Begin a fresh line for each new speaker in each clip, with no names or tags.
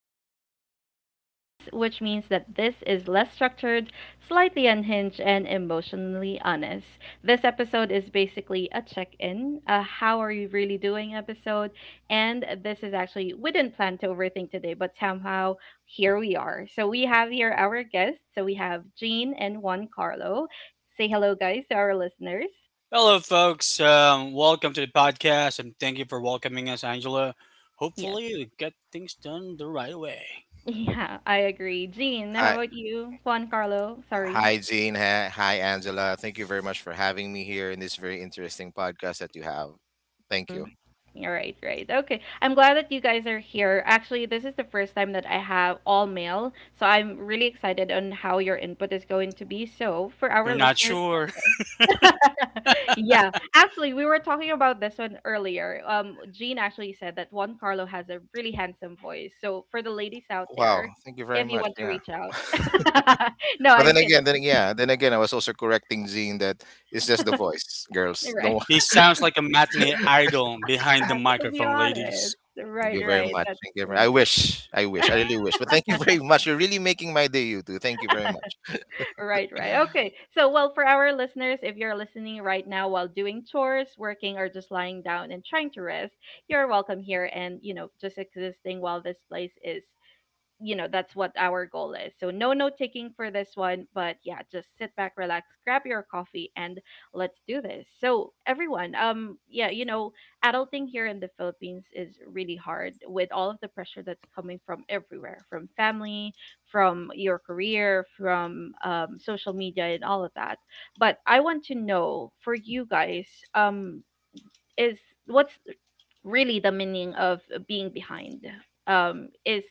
episode of Growing Pains, which means that this is less structured, slightly unhinged, and emotionally honest. This episode is basically a check in, a how are you really doing episode, and this is actually, we didn't plan to overthink today, but somehow here we are. So we have here our guests, so we have Jean and Juan Carlo. Say hello, guys, to our listeners.
Hello, folks. Welcome to the podcast, and thank you for welcoming us, Angela.
Yes.
Hopefully, we get things done the right way.
Yeah, I agree. Jean, how
Hi,
about you? Juan Carlo, sorry.
hi, Jean. Hi, Angela. Thank you very much for having me here in this very interesting podcast that you have. Thank
Mm.
you.
You right. Right. Okay. I'm glad that you guys are here. Actually, this is the first time that I have all male, so I'm really excited on how your input is going to be. So, for
You're
our
not
listeners,
sure?
yeah, actually, we were talking about this one earlier. Jean actually said that Juan Carlo has a really handsome voice. So, for the ladies out there,
Wow. Thank you very
if you
much.
want to
Yeah.
reach out, no,
but
I'm
then
kidding.
again, then yeah, then again, I was also correcting Jean that it's just the voice, girls.
Right.
Don't.
He sounds like a matinee idol behind the
To be
microphone,
honest,
ladies.
Thank
right,
you very
right.
much.
That's
Thank you.
true.
I wish. I wish. I really wish. But thank you very much. You're really making my day, you two. Thank you very much.
Right, right. Okay. So, well, for our listeners, if you're listening right now while doing chores, working, or just lying down and trying to rest, you're welcome here, and, just existing while this place is. That's what our goal is, so no note taking for this one, but yeah, just sit back, relax, grab your coffee, and let's do this. So everyone, yeah, adulting here in the Philippines is really hard with all of the pressure that's coming from everywhere, from family, from your career, from social media and all of that. But I want to know, for you guys, um is what's really the meaning of being behind? Is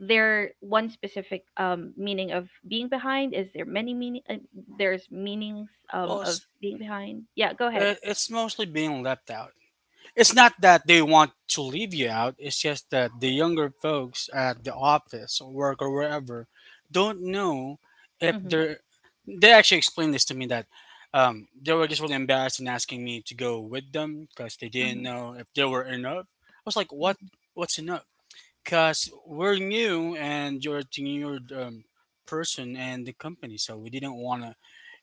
there one specific meaning of being behind? Is there many meaning? There's meanings
Well,
of
it's,
being behind. Yeah, go ahead.
uh, it's mostly being left out. It's not that they want to leave you out, it's just that the younger folks at the office or work or wherever don't know if
Mm-hmm,
they're. They actually explained this to me that they were just really embarrassed in asking me to go with them because they didn't
mm-hmm,
know if they were enough. I was like, what?
mm-hmm.
What's enough? Because we're new and you're a tenured person and the company, so we didn't want to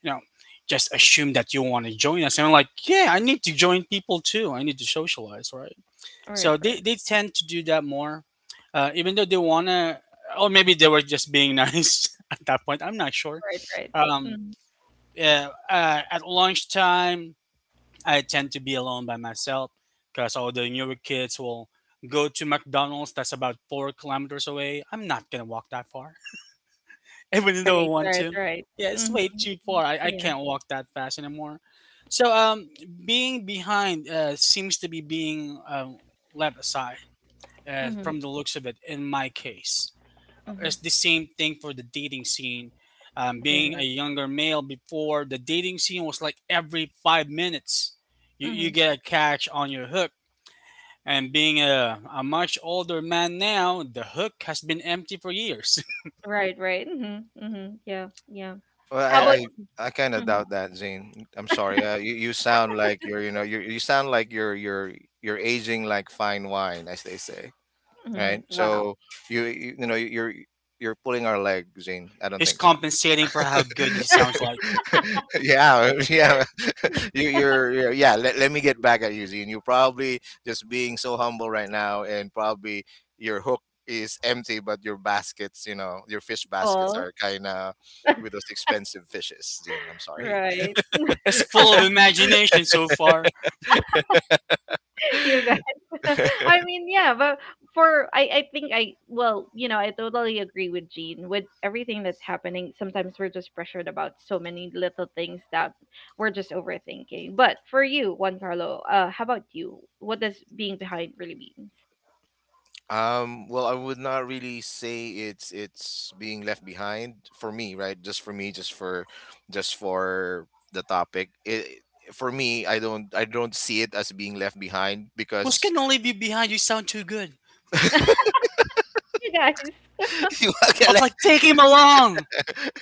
you know just assume that you want to join us. And I'm like, yeah, I need to join people too. I need to socialize, right?
Right,
So they,
right,
they tend to do that more, even though they want to. Or maybe they were just being nice at that point. I'm not sure.
right, right.
um,
Mm-hmm.
yeah, at lunchtime I tend to be alone by myself because all the newer kids will go to McDonald's that's about 4 kilometers away. I'm not gonna walk that far, even though I
Right,
want
right,
to.
right.
Yeah, it's
Mm-hmm.
way too far. I
Yeah.
can't walk that fast anymore. So being behind seems to be being left aside,
Mm-hmm,
from the looks of it, in my case.
mm-hmm.
It's the same thing for the dating scene. Being a
Right.
younger male before the dating scene was like every 5 minutes, you,
Mm-hmm.
you get a catch on your hook. And being a much older man now, the hook has been empty for years.
Right, right. Mm-hmm, mm-hmm. Yeah, yeah,
Well,
how about.
Oh,
I, I kind of
Mm-hmm,
doubt that, Zane. I'm sorry. You sound like you sound like you're aging like fine wine, as they say.
mm-hmm.
Right?
Wow.
So you know you're pulling our leg, Zane. I don't
he's
think so.
compensating for how good he sounds like.
Yeah, yeah. you, you're yeah. Let, let me get back at you, Zine. You're probably just being so humble right now, and probably your hook is empty, but your baskets, your fish baskets
All
are kind of with those expensive fishes, Zine. I'm sorry.
right.
It's full of imagination so far.
You guys. I mean, yeah, but for I think I, well, I totally agree with Jean with everything that's happening. Sometimes we're just pressured about so many little things that we're just overthinking. But for you, Juan Carlo, how about you? What does being behind really mean?
Well, I would not really say it's being left behind for me, right? Just for the topic. For me, I don't see it as being left behind
Who's
because
gonna leave you behind? You sound too good.
You guys,
you
I was like, take him along.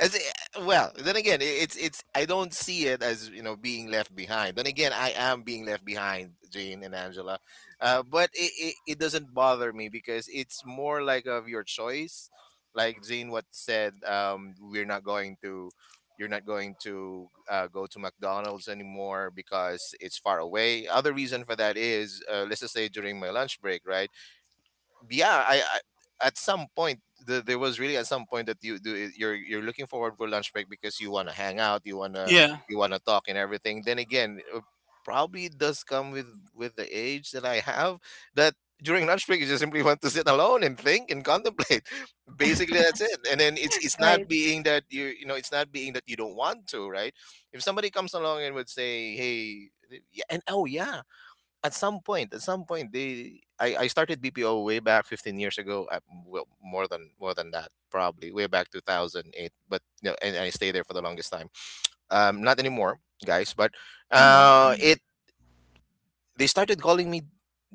as I- well then again I- it's I don't see it as, you know, being left behind. Then again, I am being left behind, Jane and Angela. But it doesn't bother me because it's more like of your choice. Like Jane what said, we're not going to. You're not going to go to McDonald's anymore because it's far away. Other reason for that is, let's just say during my lunch break, right? Yeah, I, I at some point, there was really at some point that you do you're looking forward for lunch break because you want to hang out,
Yeah,
you wanna talk and everything. Then again, probably it does come with the age that I have, that during lunch break you just simply want to sit alone and think and contemplate. Basically, that's it. And then it's not
right?
being that you know, it's not being that you don't want to, right? If somebody comes along and would say, hey. Yeah, and oh yeah, at some point they I started BPO way back 15 years ago. More than more than that, probably way back 2008. But you know, and I stayed there for the longest time. Um, not anymore, guys, but
Mm-hmm.
it they started calling me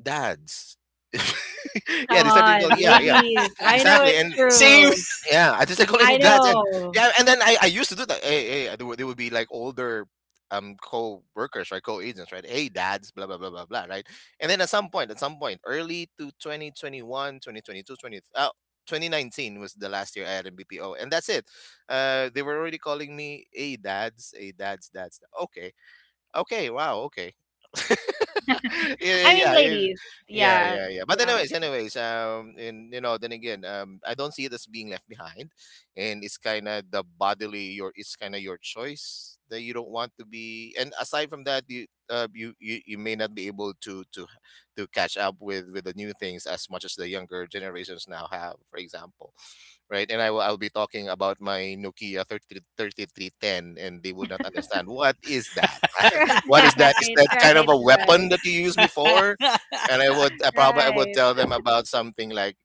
dads. Yeah,
Come
they started calling,
on,
yeah, yeah,
ladies. I know
exactly.
it's
And
same.
true.
yeah, I just they calling me
I
dad. And
know.
yeah, and then I used to do that. Hey, they would be like older co-workers, right? Co-agents, right? Hey, dads, blah blah blah blah blah, right? And then at some point, early to 2021, 2022, 20 uh, 2019 was the last year I had in BPO, and that's it. They were already calling me, hey, dads, hey, dads. Okay, Okay, wow, okay. yeah,
I mean,
yeah, yeah,
ladies.
yeah,
Yeah,
yeah, yeah. But
yeah.
anyways, and you know, then again, I don't see it as being left behind, and it's kind of the bodily your, it's kind of your choice that you don't want to be. And aside from that, you may not be able to catch up with the new things as much as the younger generations now have, for example, right? And I'll be talking about my Nokia thirty thirty three ten, and they would not understand what is that? Is
Right,
that kind of
right,
a weapon
right.
that you used before? And I would
Right.
tell them about something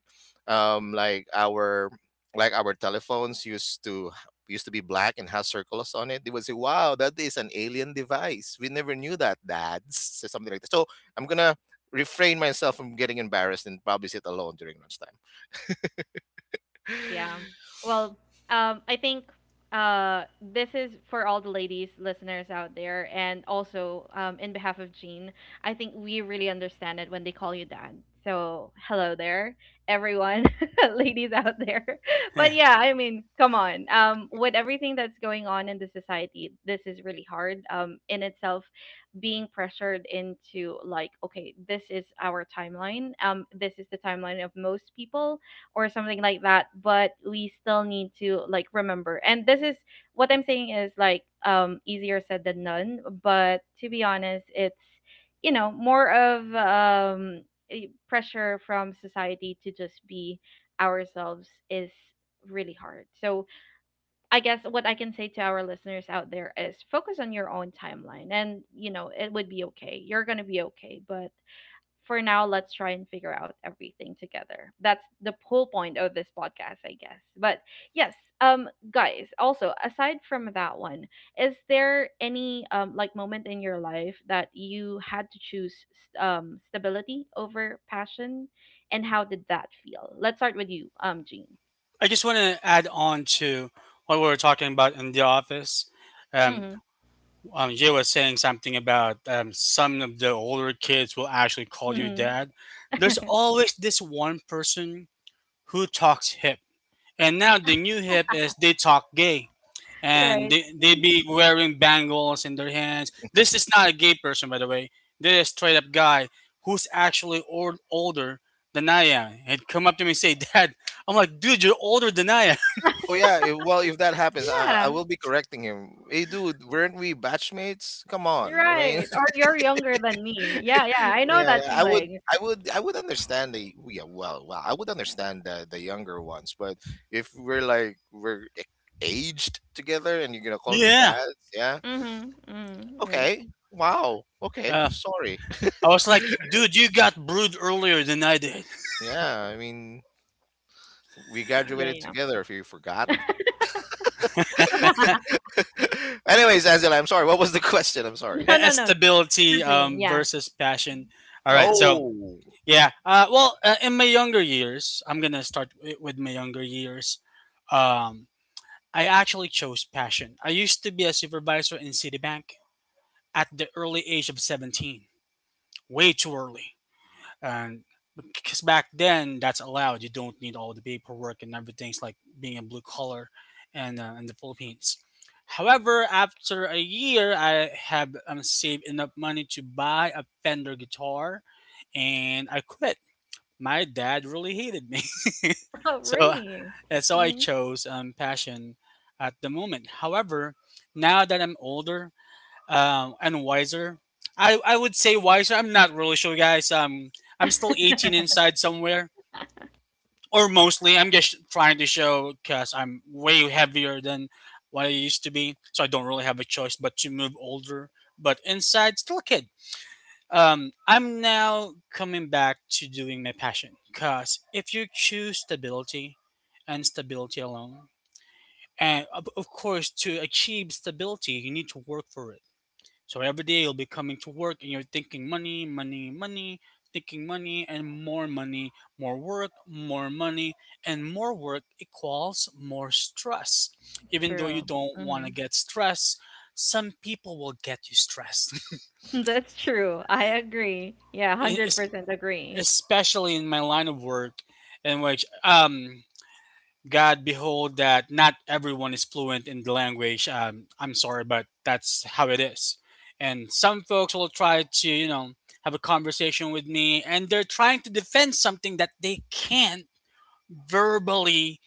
like our telephones used to used to be black and has circles on it. They would say, wow, that is an alien device. We never knew that, dads. So something like that. So I'm gonna refrain myself from getting embarrassed and probably sit alone during lunchtime.
Yeah. Well, I think this is for all the ladies listeners out there, and also in behalf of Jean, I think we really understand it when they call you dad. So, hello there, everyone, ladies out there. But yeah, I mean, come on. With everything that's going on in the society, this is really hard in itself. Being pressured into, like, okay, this is our timeline. This is the timeline of most people or something like that, but we still need to, like, remember. And this is what I'm saying, is like easier said than done, but to be honest, it's more of a pressure from society to just be ourselves is really hard. So I guess what I can say to our listeners out there is focus on your own timeline, and it would be okay, you're gonna be okay, but for now, let's try and figure out everything together. That's the whole point of this podcast, I guess. But yes, guys, also aside from that one, is there any like moment in your life that you had to choose stability over passion, and how did that feel? Let's start with you, Jean.
I just want to add on to what we were talking about in the office. Um,
Mm-hmm.
Jay was saying something about some of the older kids will actually call you
Mm-hmm.
dad. There's always this one person who talks hip. And now the new hip is they talk gay. And
Right.
they
Mhm.
be wearing bangles in their hands. This is not a gay person, by the way. This is a straight up guy who's actually old, older than I am. He'd come up to me and say, Dad. I'm like, dude, you're older than I am.
Oh yeah, if, well if that happens, I
Yeah.
will be correcting him. Hey dude, weren't we batchmates? Come on, I mean.
Right. Or you're younger than me. Yeah. Yeah. I know that feeling.
I would understand the yeah, well, I would understand the younger ones, but if we're aged together and you're gonna call me
Yeah.
dad, yeah,
Mm-hmm. Mm-hmm. Right.
okay, wow, okay,
Uh,
I'm sorry.
I was like, dude, you got brewed earlier than I did.
Yeah, I mean, we graduated
Yeah.
together. If you forgot. Anyways, Angela, I'm sorry. What was the question? I'm sorry.
No,
Uh,
no, no, no.
Stability
Virgin. Yeah,
versus passion. All
yeah.
right, so
Oh,
yeah. In my younger years, I'm gonna start with my younger years. Um, I actually chose passion. I used to be a supervisor in Citibank at the early age of 17, way too early. And because back then that's allowed. You don't need all the paperwork and everything's like being a blue collar, and in the Philippines. However, after a year, I have saved enough money to buy a Fender guitar, and I quit. My dad really hated me,
Oh,
so,
really?
and so I
Hmm.
chose, passion at the moment. However, now that I'm older and wiser, I would say wiser. I'm not really sure, guys. I'm still 18 inside somewhere. Or mostly I'm just trying to show, because I'm way heavier than what I used to be, so I don't really have a choice but to move older. But inside, still a kid. I'm now coming back to doing my passion, because if you choose stability, and stability alone, and of course, to achieve stability you need to work for it. So every day you'll be coming to work and you're thinking money, money, money, thinking money and more money, more work, more money, and more work equals more stress. Even though you
True.
don't want to
Hmm.
get stressed, some people will get you stressed.
That's true. I agree. Yeah,
Es-
100% agree.
especially in my line of work, in which God behold that not everyone is fluent in the language. I'm sorry, but that's how it is. And some folks will try to have a conversation with me, and they're trying to defend something that they can't verbally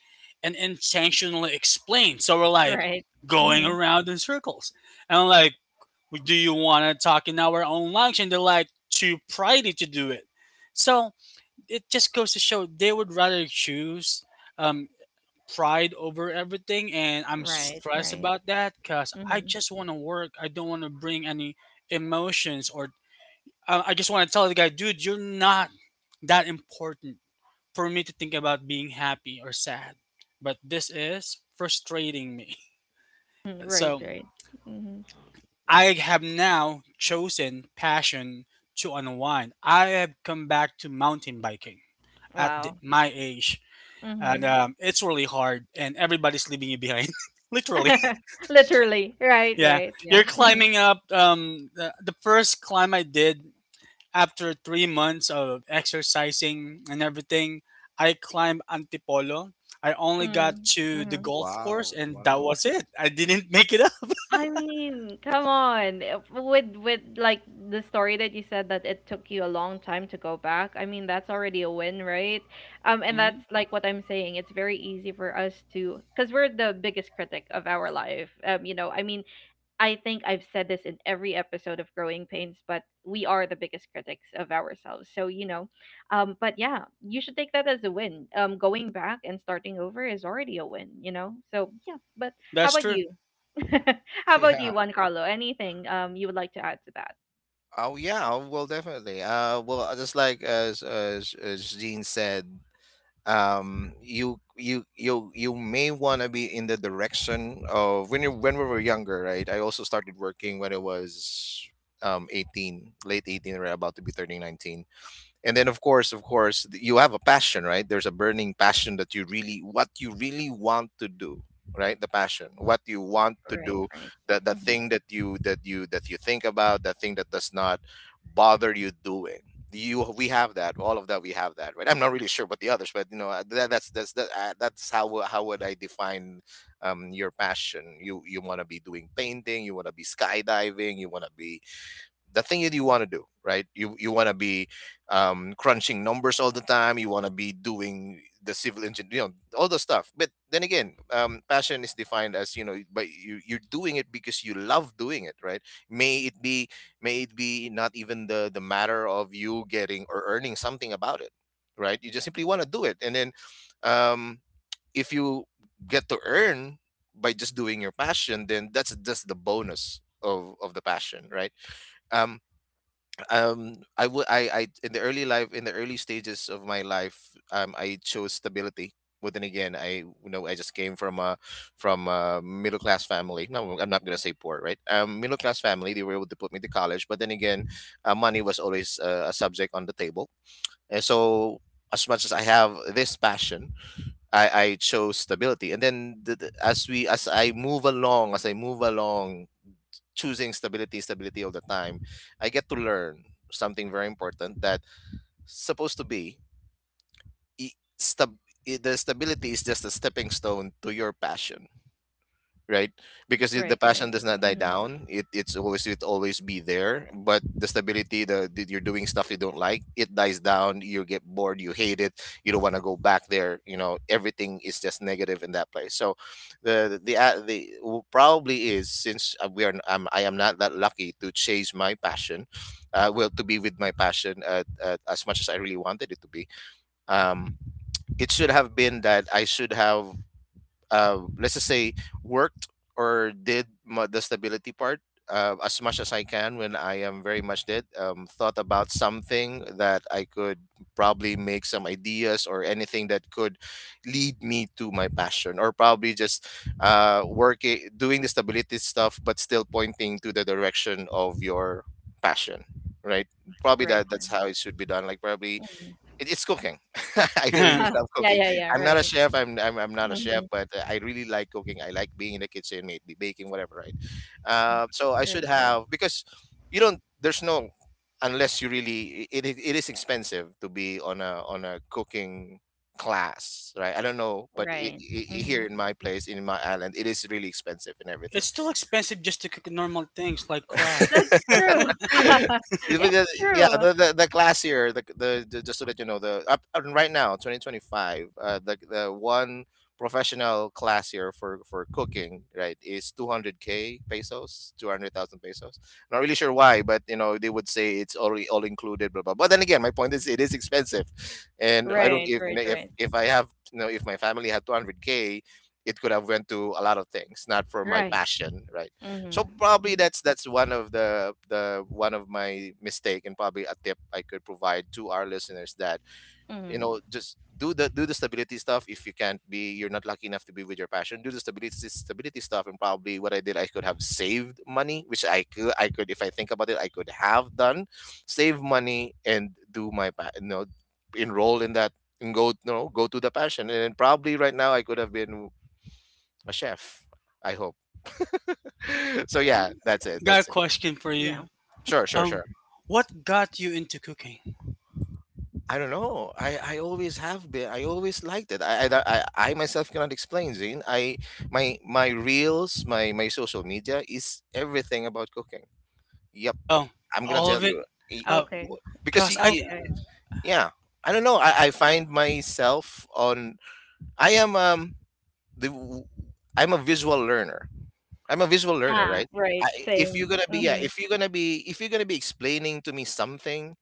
and intentionally explain. So we're like
Right.
going
Hmm.
around in circles. And I'm like, do you want to talk in our own language? And they're like too pridey to do it. So it just goes to show they would rather choose um, pride over everything, and I'm
Right,
stressed
right.
about that because I
Hmm.
just want to work. I don't want to bring any emotions, or I just want to tell the guy, dude, you're not that important for me to think about being happy or sad. But this is frustrating me.
Right,
So
right. Hmm.
I have now chosen passion to unwind. I have come back to mountain biking at the,
Wow.
my age. And
Hmm.
it's really hard, and everybody's leaving you behind, literally.
Literally. Right,
Yeah,
right. Yeah.
you're
Hmm.
climbing up. The first climb I did after 3 months of exercising and everything, I climbed Antipolo. I only got
Mm-hmm.
to the
Mm-hmm.
golf course,
wow,
and that
wow.
was it. I didn't make it up.
I mean, come on. With like the story that you said that it took you a long time to go back. I mean, that's already a win, right? And
Hmm.
that's like what I'm saying. It's very easy for us to, because we're the biggest critic of our life. I mean, I think I've said this in every episode of Growing Pains, but we are the biggest critics of ourselves. So, but yeah, you should take that as a win. Going back and starting over is already a win, you know? So, yeah, but how
That's
about
true.
you? How about
Yeah.
you, Juan Carlo? Anything you would like to add to that?
Oh, yeah. Oh, Well, definitely. Just like as Jean said. You you may want to be in the direction of when you when we were younger, right? I also started working when I was 18, late 18, right about to be turning 19. And then of course you have a passion, right? There's a burning passion that you really what you really want to do. Right? The passion what you want to
Right,
do.
right.
The
Hmm.
thing that you think about, the thing that does not bother you doing. You We have that, all of that we have that, right? I'm not really sure about the others, but you know, that's how how would I define your passion. You want to be doing painting, you want to be skydiving, you want to be the thing that you want to do. Right? You want to be, crunching numbers all the time, you want to be doing the civil engineer, you know, all the stuff. But then again, passion is defined as, you know, but you you're doing it because you love doing it, right? May it be may it be not even the matter of you getting or earning something about it. Right? You just simply want to do it. And then um, if you get to earn by just doing your passion, then that's just the bonus of the passion. Right? Um um I would I I in the early life in the early stages of my life, I chose stability, but then again, I, you know, I just came from a middle class family. No, I'm not gonna say poor. Right? Um, middle class family. They were able to put me to college, but then again, money was always a subject on the table. And so as much as I have this passion, I chose stability. And then the, as we as I move along, choosing stability all the time, I get to learn something very important, that supposed to be i- stab- the stability is just a stepping stone to your passion. Right? Because the
Right,
passion
right.
does not die
Hmm.
down. It's always it always be there. But the stability, the you're doing stuff you don't like, it dies down. You get bored. You hate it. You don't want to go back there. You know everything is just negative in that place. So, probably is, since I'm, I am not that lucky to chase my passion. Well, to be with my passion, as much as I really wanted it to be. Um, it should have been that I should have, let's just say, worked or the stability part, as much as I can, when I am very much did, thought about something that I could probably make some ideas or anything that could lead me to my passion, or probably just working doing the stability stuff but still pointing to the direction of your passion. Right? Probably
Right,
that that's
right.
how it should be done. Like probably
Hmm.
it's cooking. I really
It's
Yeah,
love cooking.
yeah, yeah,
I'm not a
right.
chef. I'm not a chef,
Hmm.
but I really like cooking. I like being in the kitchen, maybe baking, whatever, right? So I should
Right, right.
have, because you don't. There's no, unless you really. It is expensive to be on a cooking class, right? I don't know, but
Right. Hmm.
here in my place in my island, it is really expensive and everything.
still expensive just to cook normal things like crab.
That's true.
Even
It's
the, yeah,
true.
the classier, the just so that you know, the up up right now, 2025, the one professional classier for cooking, right, is 200K k pesos, 200,000 pesos. Not really sure why, but they would say it's all included, blah blah. But then again, my point is, it is expensive, and I don't
Right,
even
right,
if
right.
if I have if my family had 200K, it could have went to a lot of things, not for my
Right.
passion, right? So
Mm-hmm.
probably
Mm-hmm.
that's one of the one of my mistake, and probably a tip I could provide to our listeners that
Mm-hmm.
just do the stability stuff. If you can't be you're not lucky enough to be with your passion, do the stability stuff. And probably what I did, I could have saved money, which I could, if I think about it, I could have done. Save money, and do my enroll in that, and go you know go to the passion, and then probably right now I could have been a chef, I hope. So yeah, that's it,
Got a
that's it.
question for
Yeah.
you.
Sure, sure,
Um,
sure.
what got you into cooking?
I don't know. I always have been. I always liked it. I myself cannot explain, Zane. I my my reels, my social media is everything about cooking. Yep,
Oh,
I'm gonna
all of
tell
it.
you. E-
Uh,
n-
Okay.
w- because
cause I
Okay.
yeah, I don't know. I find myself on. I am the w- I'm a visual learner. I'm a visual learner,
Ah,
right?
right.
I, if you're
Same.
gonna be, yeah,
Mm-hmm.
if you're gonna be explaining to me something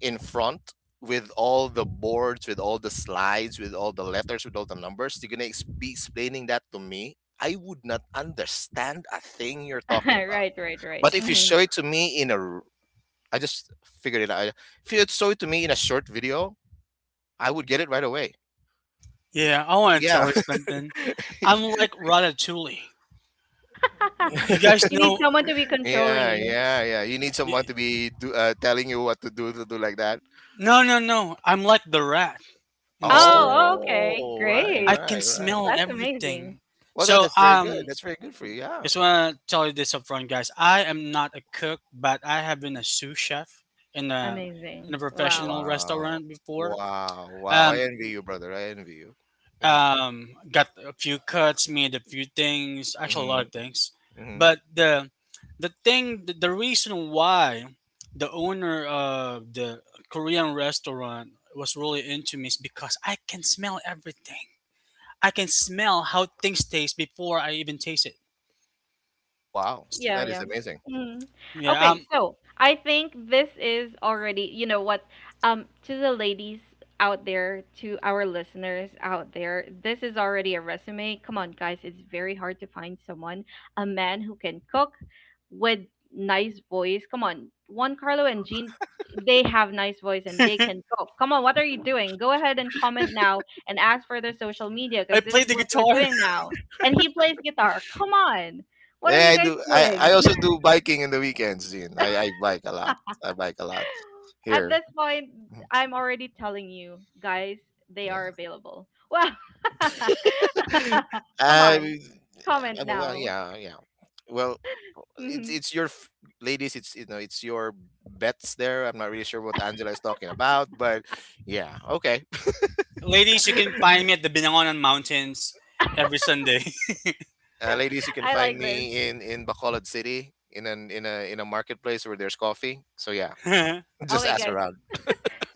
in front, with all the boards, with all the slides, with all the letters, with all the numbers, you're gonna be explaining that to me. I would not understand a thing you're talking about.
Right, right, right.
But if you
Mm-hmm.
show it to me in I just figured it out. If you show it to me in a short video, I would get it right away.
yeah, I want to
Yeah.
tell you something. I'm like Ratatouille. Y- You guys
You need
know?
someone to be controlling
Yeah,
you.
yeah, yeah. You need someone to
y-
be telling you what to do like that.
No, no, no. I'm like the rat in the story.
Oh, okay.
Oh, right,
I
Great.
can
right, right.
smell
That's amazing.
everything.
Well, that,
So,
that's very good. That's very good for you. Yeah.
just want to tell you this up front, guys. I am not a cook, but I have been a sous chef in a in
Amazing.
a
Wow.
professional
Wow.
restaurant before.
Wow. Wow.
Um.
I envy you, brother. I envy you.
Got a few cuts, made a few things, actually a lot
Mm-hmm.
of things.
Hmm.
But the reason why the owner of the Korean restaurant was really into me is because I can smell everything. I can smell how things taste before I even taste it.
Wow.
Yeah,
That is
yeah.
amazing.
Mm.
Yeah,
Okay, so I think this is already, you know what, to the ladies out there, to our listeners out there, this is already a resume. Come on, guys, it's very hard to find someone, a man who can cook with nice voice. Come on, Juan Carlo and Jean, they have nice voice and they can cook. Come on, what are you doing? Go ahead and comment now and ask for their social media
I
because this
play
is
the
what we're
guitar.
doing now. And he plays guitar. Come on. What are
Yeah,
you
I
guys
do. I
doing?
also do biking in the weekends, Dean. I bike a lot. I bike a lot
At
here.
this point,
Mhm.
I'm already telling you, guys, they
Yeah.
are available. Well, come
um,
on, comment
I- well,
now.
yeah, yeah. Well, it's
Mhm.
it's your ladies. It's your bets there. I'm not really sure what Angela is talking about, but yeah, okay.
Ladies, you can find me at the Binangonan Mountains every Sunday.
Ladies, you can
I
find
like this.
me in Bacolod City in a marketplace where there's coffee. So yeah.
I
Just
Okay,
ask
guys.
around.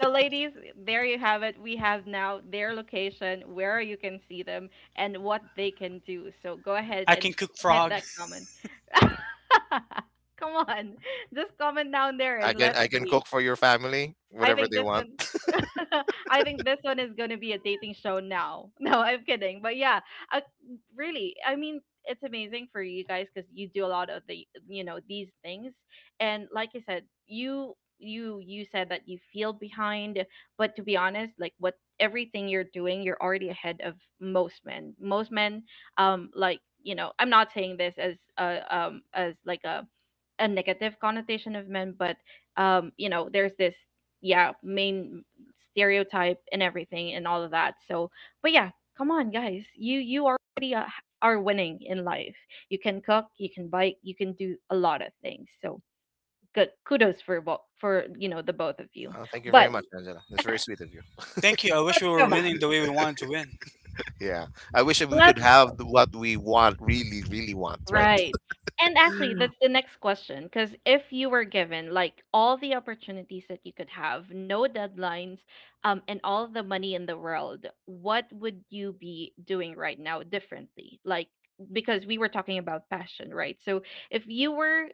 So, ladies, there you have it. We have now their location, where you can see them, and what they can do. So, go ahead and
can cook
hit
frog.
that comment. Come on, just comment down there
I
and
can
let's
I can
see.
cook for your family
I
whatever
think
they
this
want.
one I think this one is going to be a dating show now. No, I'm kidding. But yeah, uh, really, I mean, it's amazing for you guys cuz you do a lot of the, these things. And like I said, you said that you feel behind, but to be honest, like what everything you're doing, you're already ahead of most men. Most men like I'm not saying this as like a negative connotation of men, but there's this, yeah, main stereotype and everything and all of that. So, but yeah, come on guys. You already are winning in life. You can cook, you can bike, you can do a lot of things. So, good kudos for both for the both of you.
Thank you very
But
much, Angela. That's very sweet of you.
Thank you. I wish
let's
we
go
were
back.
winning the way we wanted to win.
Yeah. I wish that we could
Let's
have
go.
what we want, really, really want, right?
Right. And actually, that's the next question. Because if you were given like all the opportunities that you could have, no deadlines, and all the money in the world, what would you be doing right now differently? Like, because we were talking about passion, right? So if you were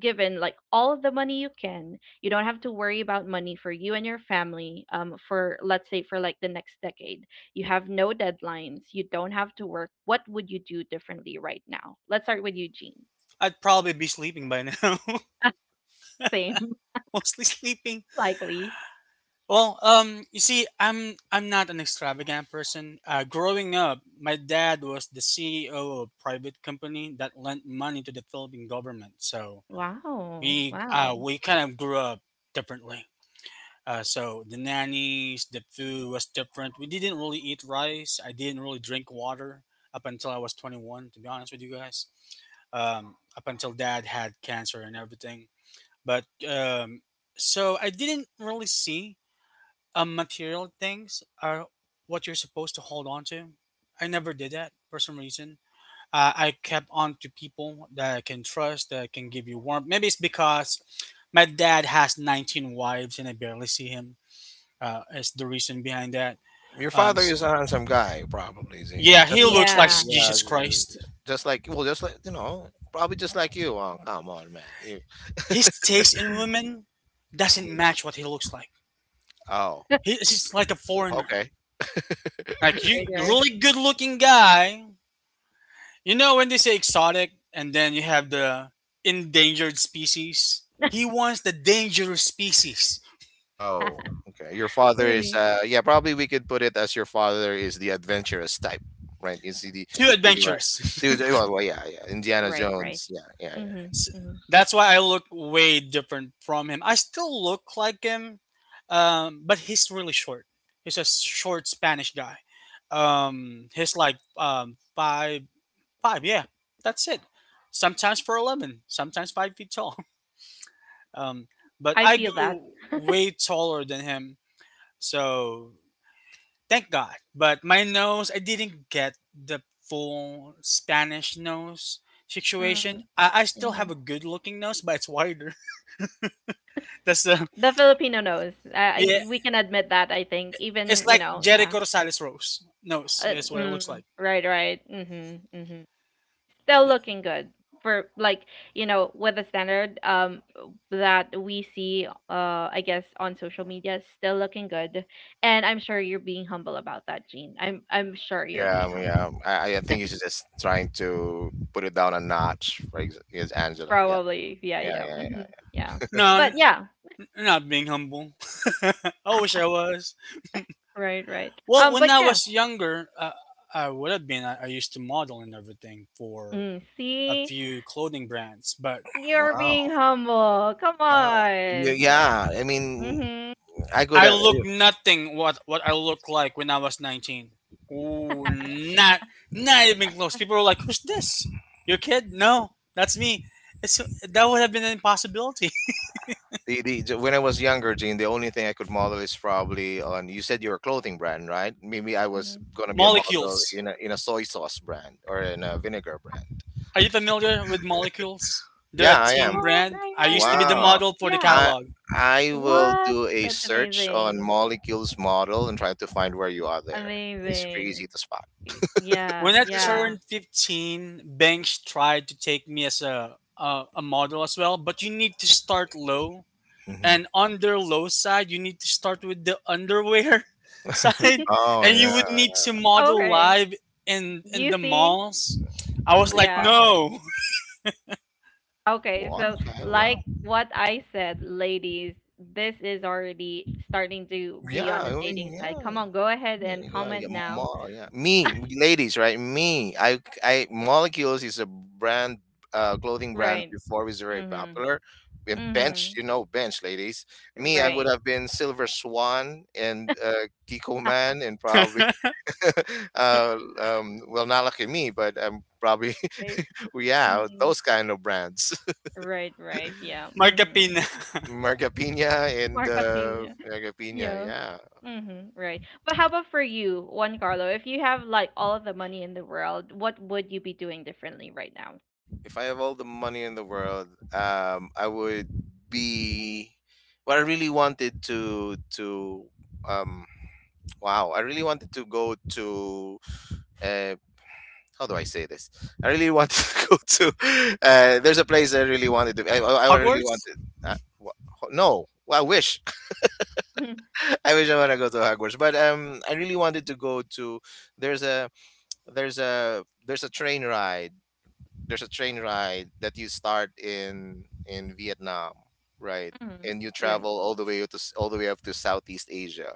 given like all of the money you can, you don't have to worry about money for you and your family, for let's say for like the next decade. You have no deadlines. You don't have to work. What would you do differently right now? Let's start with Eugene.
I'd probably be sleeping by now.
Same,
Mostly sleeping.
likely.
Well, you see, I'm not an extravagant person. Growing up, my dad was the CEO of a private company that lent money to the Philippine government. So
Wow.
we uh,
Wow.
we kind of grew up differently. So the nannies, the food was different. We didn't really eat rice. I didn't really drink water up until I was 21. To be honest with you guys, up until dad had cancer and everything. But so I didn't really see material things are what you're supposed to hold on to. I never did that for some reason. I kept on to people that I can trust, that can give you warmth. Maybe it's because my dad has 19 wives and I barely see him. Is the reason behind that.
Your
Um,
father
s-
is a handsome guy, probably, Zane.
yeah, he
Just like,
looks like
Yeah.
yeah,
Jesus Christ.
just like, well, just like, probably just like you. Oh, come on, man.
His taste in women doesn't
Mhm.
match what he looks like.
Oh,
He's like a foreigner.
okay.
Like you,
Right,
you're a
right.
really good looking guy. You know when they say exotic and then you have the endangered species? He wants the dangerous species.
Oh, okay. Your father is
Really?
yeah, probably we could put it as your father is the adventurous type, right? You see the,
Too
he right.
adventurous.
Dude, well, yeah, yeah. Indiana
Right, right.
Jones. Yeah, yeah, yeah,
Mm-hmm,
yeah.
S-
mm-hmm.
That's why I look way different from him. I still look like him, but he's really short. He's a short Spanish guy. He's like five, five. Yeah, that's it. Sometimes for 11, sometimes 5 feet tall. Um, but
I
I
feel that.
grew way taller than him, so thank God. But my nose, I didn't get the full Spanish nose situation.
Mm,
I still have
hmm.
a good looking nose, but it's wider. That's
The Filipino knows.
yeah.
We can admit that, I think.
It's
Even,
like
yeah.
Jericho Rosales Rose nose is what it looks
Mm,
like.
right, right. Mm-hmm, mm-hmm. Still looking good for, like, with the standard, that we see, I guess on social media. Still looking good, and I'm sure you're being humble about that, Jean. I'm sure you're
Yeah,
being
yeah.
humble,
I think he's just trying to put it down a notch for his Angela. Yeah,
probably. Yeah,
yeah,
yeah,
yeah, yeah.
mhm, yeah,
No,
but
n-
yeah.
not being humble. I wish I was.
Right, right,
Well, when
but
I
yeah.
was younger, I would have been. I used to model and everything for a
See,
few clothing brands, but
you're
Wow.
being humble, come
Ah,
on.
yeah. I mean,
Mm-hmm,
I could
I
have
look nothing what I looked like when I was 19. Ooh, not not even close. People were like, "Who's this? Your kid?" No, that's me. That would have been an impossibility.
when I was younger, Gene. The only thing I could model is probably on. You said you're a clothing brand, right? Maybe I was
mm-hmm.
gonna be a model
Molecules.
in a soy sauce brand or in a vinegar brand.
Are you familiar with molecules? They're a
Yeah, I
teen
am.
Oh,
brand.
right,
I
right,
used to be the
right,
Wow.
model for the
yeah.
I
catalog.
I will
What,
do a
that's
search on
amazing.
molecules model and try to find where you are there. It's very easy
Amazing.
to spot.
Y-
When
Yeah,
I
yeah.
turned 15, banks tried to take me as a model as well, but you need to start low,
Hmm.
and on their low side you need to start with the underwear side,
Oh
and you
yeah.
would need to model
Okay.
live in
You
the
see?
malls. I was like,
Yeah.
Wow.
no.
Okay.
Wow.
So,
Okay.
like
Wow.
what I said, ladies, this is already starting to
Yeah,
be on the
I
dating
mean,
side.
yeah,
Come on, go ahead
yeah,
and
you gotta
comment
get
now.
more. Yeah, me, ladies, right? Me, Molecules is a brand, clothing brand
Right.
before was very
Mm-hmm.
popular. And Bench,
Mm-hmm.
you know, Bench, ladies. Me, I would
Right.
have been Silver Swan and Kiko Man, and probably, well, not lucky me, but probably,
Right.
yeah,
Mm-hmm.
those kind of brands.
Right. Right. Yeah. Mm-hmm.
Markapina.
Marga Pina and
Mark opinion.
Marga Pina,
Yeah.
yeah.
Mm-hmm. Right. But how about for you, Juan Carlo? If you have like all of the money in the world, what would you be doing differently right now?
If I have all the money in the world, I would be what I really wanted to um wow, I really wanted to go to uh how do I say this? I really wanted to go to there's a place I really wanted to, I really
Hogwarts.
wanted. uh, wha- no, well, I wish. I wish. I want to go to Hogwarts, but I really wanted to go to there's a there's a train ride, that you start in Vietnam, right?
Mm-hmm.
And you
Right.
travel all the way all the way up to Southeast Asia.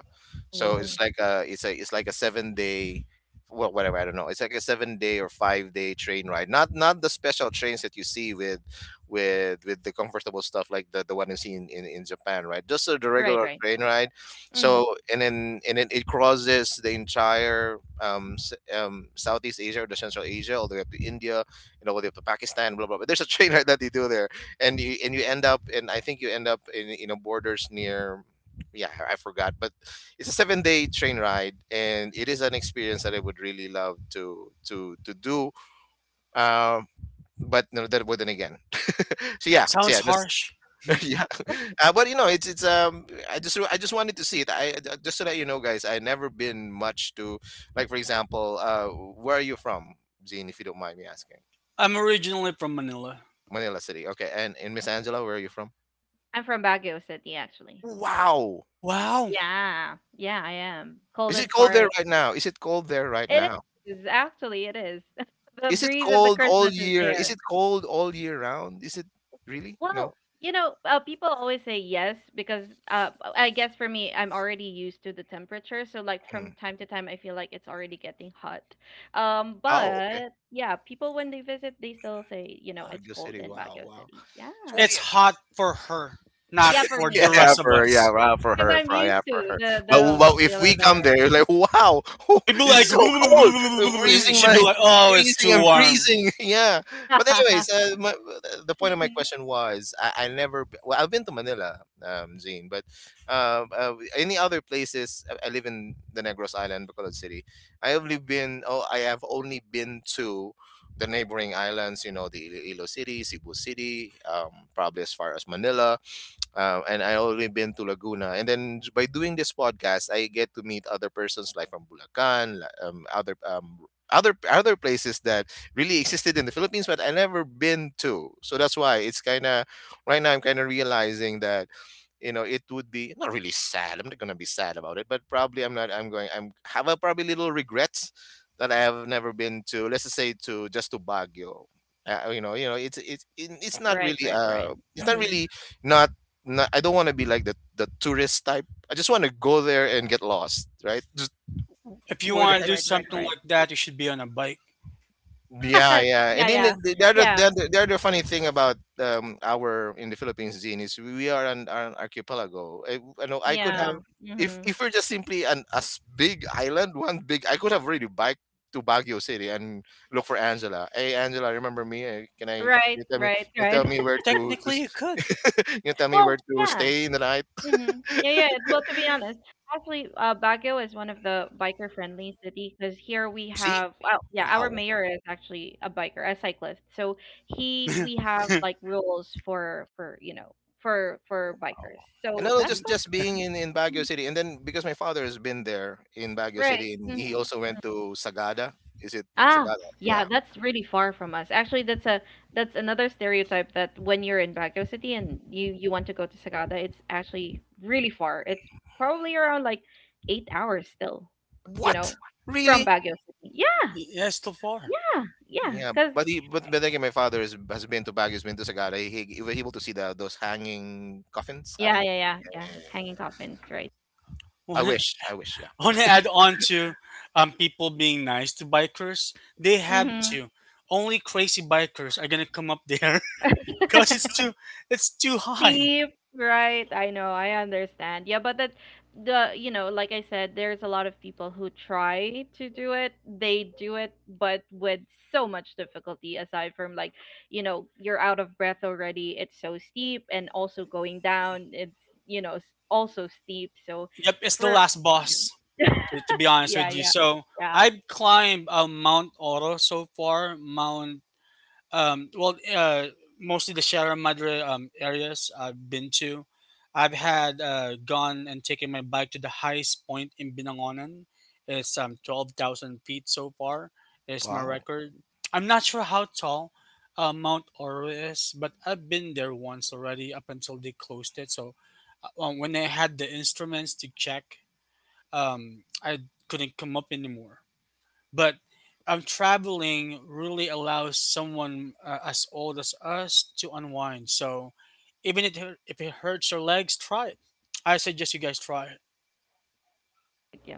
So
Whoa.
it's like a 7-day, well, whatever, I don't know. It's like a 7-day or 5-day train ride. Not the special trains that you see with the comfortable stuff like the one you see in Japan, right? Just the
Right,
regular
right.
train ride.
Mm-hmm.
So, and then it crosses the entire Southeast Asia, or the Central Asia, all the way up to India, you know, they the to Pakistan, blah blah, blah. There's a train ride that they do there, and you end up, and I think you end up in borders near, yeah, I forgot, but it's a 7-day train ride, and it is an experience that I would really love to do. Um, but no, that wouldn't again. So yeah,
Sounds
that's.
harsh.
Yeah. But it's I just wanted to see it. Just to let you know, guys, I never been much to, like for example, where are you from, Zine? If you don't mind me asking.
I'm originally from Manila.
Manila City. Okay, and in Miss Angela, where are you from?
I'm from Baguio City, actually.
Wow.
Wow.
Yeah. Yeah, I am.
Is it
Coldest
cold there
part.
right now? Is it cold there right
It
now?
is, actually, it is. The
Is it
breeze of the
cold all
Christmas is
year? Is
there.
it cold all year round? Is it really? No.
Well, people always say yes because I guess for me, I'm already used to the temperature. So, like, from
Mm.
time to time, I feel like it's already getting hot.
Oh, okay.
But yeah, people when they visit, they still say, it's
Baguio
cold
City.
in
Wow,
Baguio
wow.
City. Yeah.
So
It's
yeah.
hot for her, not
Yeah, for
for the
me,
Yeah,
rest of
for yeah,
us.
well, for
because
her,
I'm
for yeah,
used
for
to
her.
the the
But
what
but if
the
we come there,
weather.
you're like, wow.
We'd be
It's
like
so cold. I'm
and
freezing
she'd be
my
like, oh, it's
freezing.
too
I'm
warm.
freezing. Yeah. But anyways, the point of my
Mhm.
question was, I never. Well, I've been to Manila, Zane, but any other places? I live in the Negros Island, Bacolod City. I have only been. Oh, I have only been to the neighboring islands, you know, the Iloilo City, Cebu City, probably as far as Manila, and I already been to Laguna. And then by doing this podcast, I get to meet other persons like from Bulacan, other places that really existed in the Philippines, but I never been to. So that's why it's kind of right now I'm kind of realizing that it would be not really sad. I'm not going to be sad about it, but probably I'm not, I'm going, I'm have a probably little regrets that I have never been to, let's just say, to just to Baguio. You know, it's not
Right,
really,
right, right.
it's not
Hmm.
really not, I don't want to be like the tourist type. I just want to go there and get lost, right? Just
If you
where the.
want to
Right,
do
right, right,
something
right.
like that, you should be on a bike.
Yeah, yeah. And
Yeah,
then
yeah,
the other the
yeah,
other, the other funny thing about our in the Philippines zine is, we are an archipelago. I know I could have,
yeah.
if
Hmm.
if we're just simply an as big island, one big, I could have really biked to Baguio City and look for Angela. Hey Angela, remember me? Can I
Right,
you tell me,
right,
you tell
right.
me where to
Technically,
s-
you could.
you tell me where
Well,
to
yeah.
stay in the night?
Mhm. Yeah, yeah. Well, to be honest, actually, Baguio is one of the biker-friendly city, because here we
See?
have, well, yeah, our
Wow.
mayor is actually a biker, a cyclist. So we have like rules for you know for bikers.
And
So
no,
that's
just
what.
just being in Baguio
Mhm.
City, and then because my father has been there in Baguio
Right.
City, and
Hmm.
he also went to Sagada. Is it
Ah,
Sagada?
yeah,
Yeah.
that's really far from us. Actually, that's a that's another stereotype that when you're in Baguio City and you want to go to Sagada, it's actually really far. It's probably around like 8 hours still, you
What?
know, from
Really?
Baguio City. Yeah,
Yes, too far.
yeah, yeah.
Yeah.
Cause
But again, my father has been to Baguio, has been to Sagada. He was able to see the those hanging coffins. I
yeah,
mean,
yeah, yeah, yeah.
eh,
Hanging coffins, right?
I
When I
wish, I wish. Yeah.
want to add on to people being nice to bikers. They have
Mm-hmm.
to. Only crazy bikers are gonna come up there because it's too high.
Steep, right? I know, I understand. Yeah, but that the, like I said, there's a lot of people who try to do it. They do it, but with so much difficulty. Aside from, like, you're out of breath already. It's so steep, and also going down, it's you know s- also steep. So
Yep, it's the
for
last boss. To be honest
yeah,
with you,
yeah,
so
yeah,
I've climbed Mount Oro so far, Um, well, uh, mostly the Sierra Madre areas I've been to. I've had gone and taken my bike to the highest point in Binangonan. It's 12,000 feet so far, is my
Wow.
record. I'm not sure how tall Mount Oro is, but I've been there once already up until they closed it. So when I had the instruments to check, I couldn't come up anymore. But traveling really allows someone as old as us to unwind. So even if it hurts your legs, try it. I suggest you guys try it.
yeah.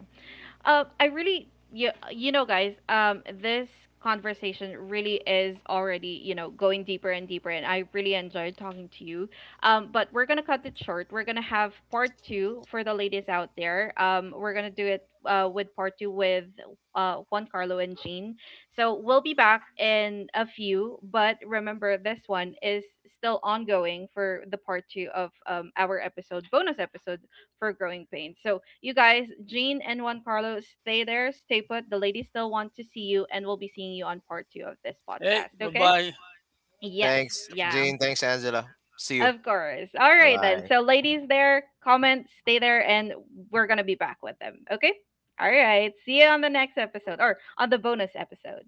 I really, you know, guys, this conversation really is already, going deeper and deeper, and I really enjoyed talking to you. But we're gonna cut it short. We're gonna have part two for the ladies out there. We're gonna do it, with part two with Juan Carlo and Jean. So we'll be back in a few, but remember this one is still ongoing for the part two of our episode, bonus episode for Growing Pains. So you guys, Jean and Juan Carlos, stay there, stay put. The ladies still want to see you, and we'll be seeing you on part two of this
Hey,
podcast.
bye
Okay?
bye.
Yes.
Thanks,
Yeah.
Jane. Thanks, Angela. See you.
Of course. All
Bye
right then.
bye.
So ladies, there, comment, stay there, and we're gonna be back with them. Okay? All right. See you on the next episode or on the bonus episode.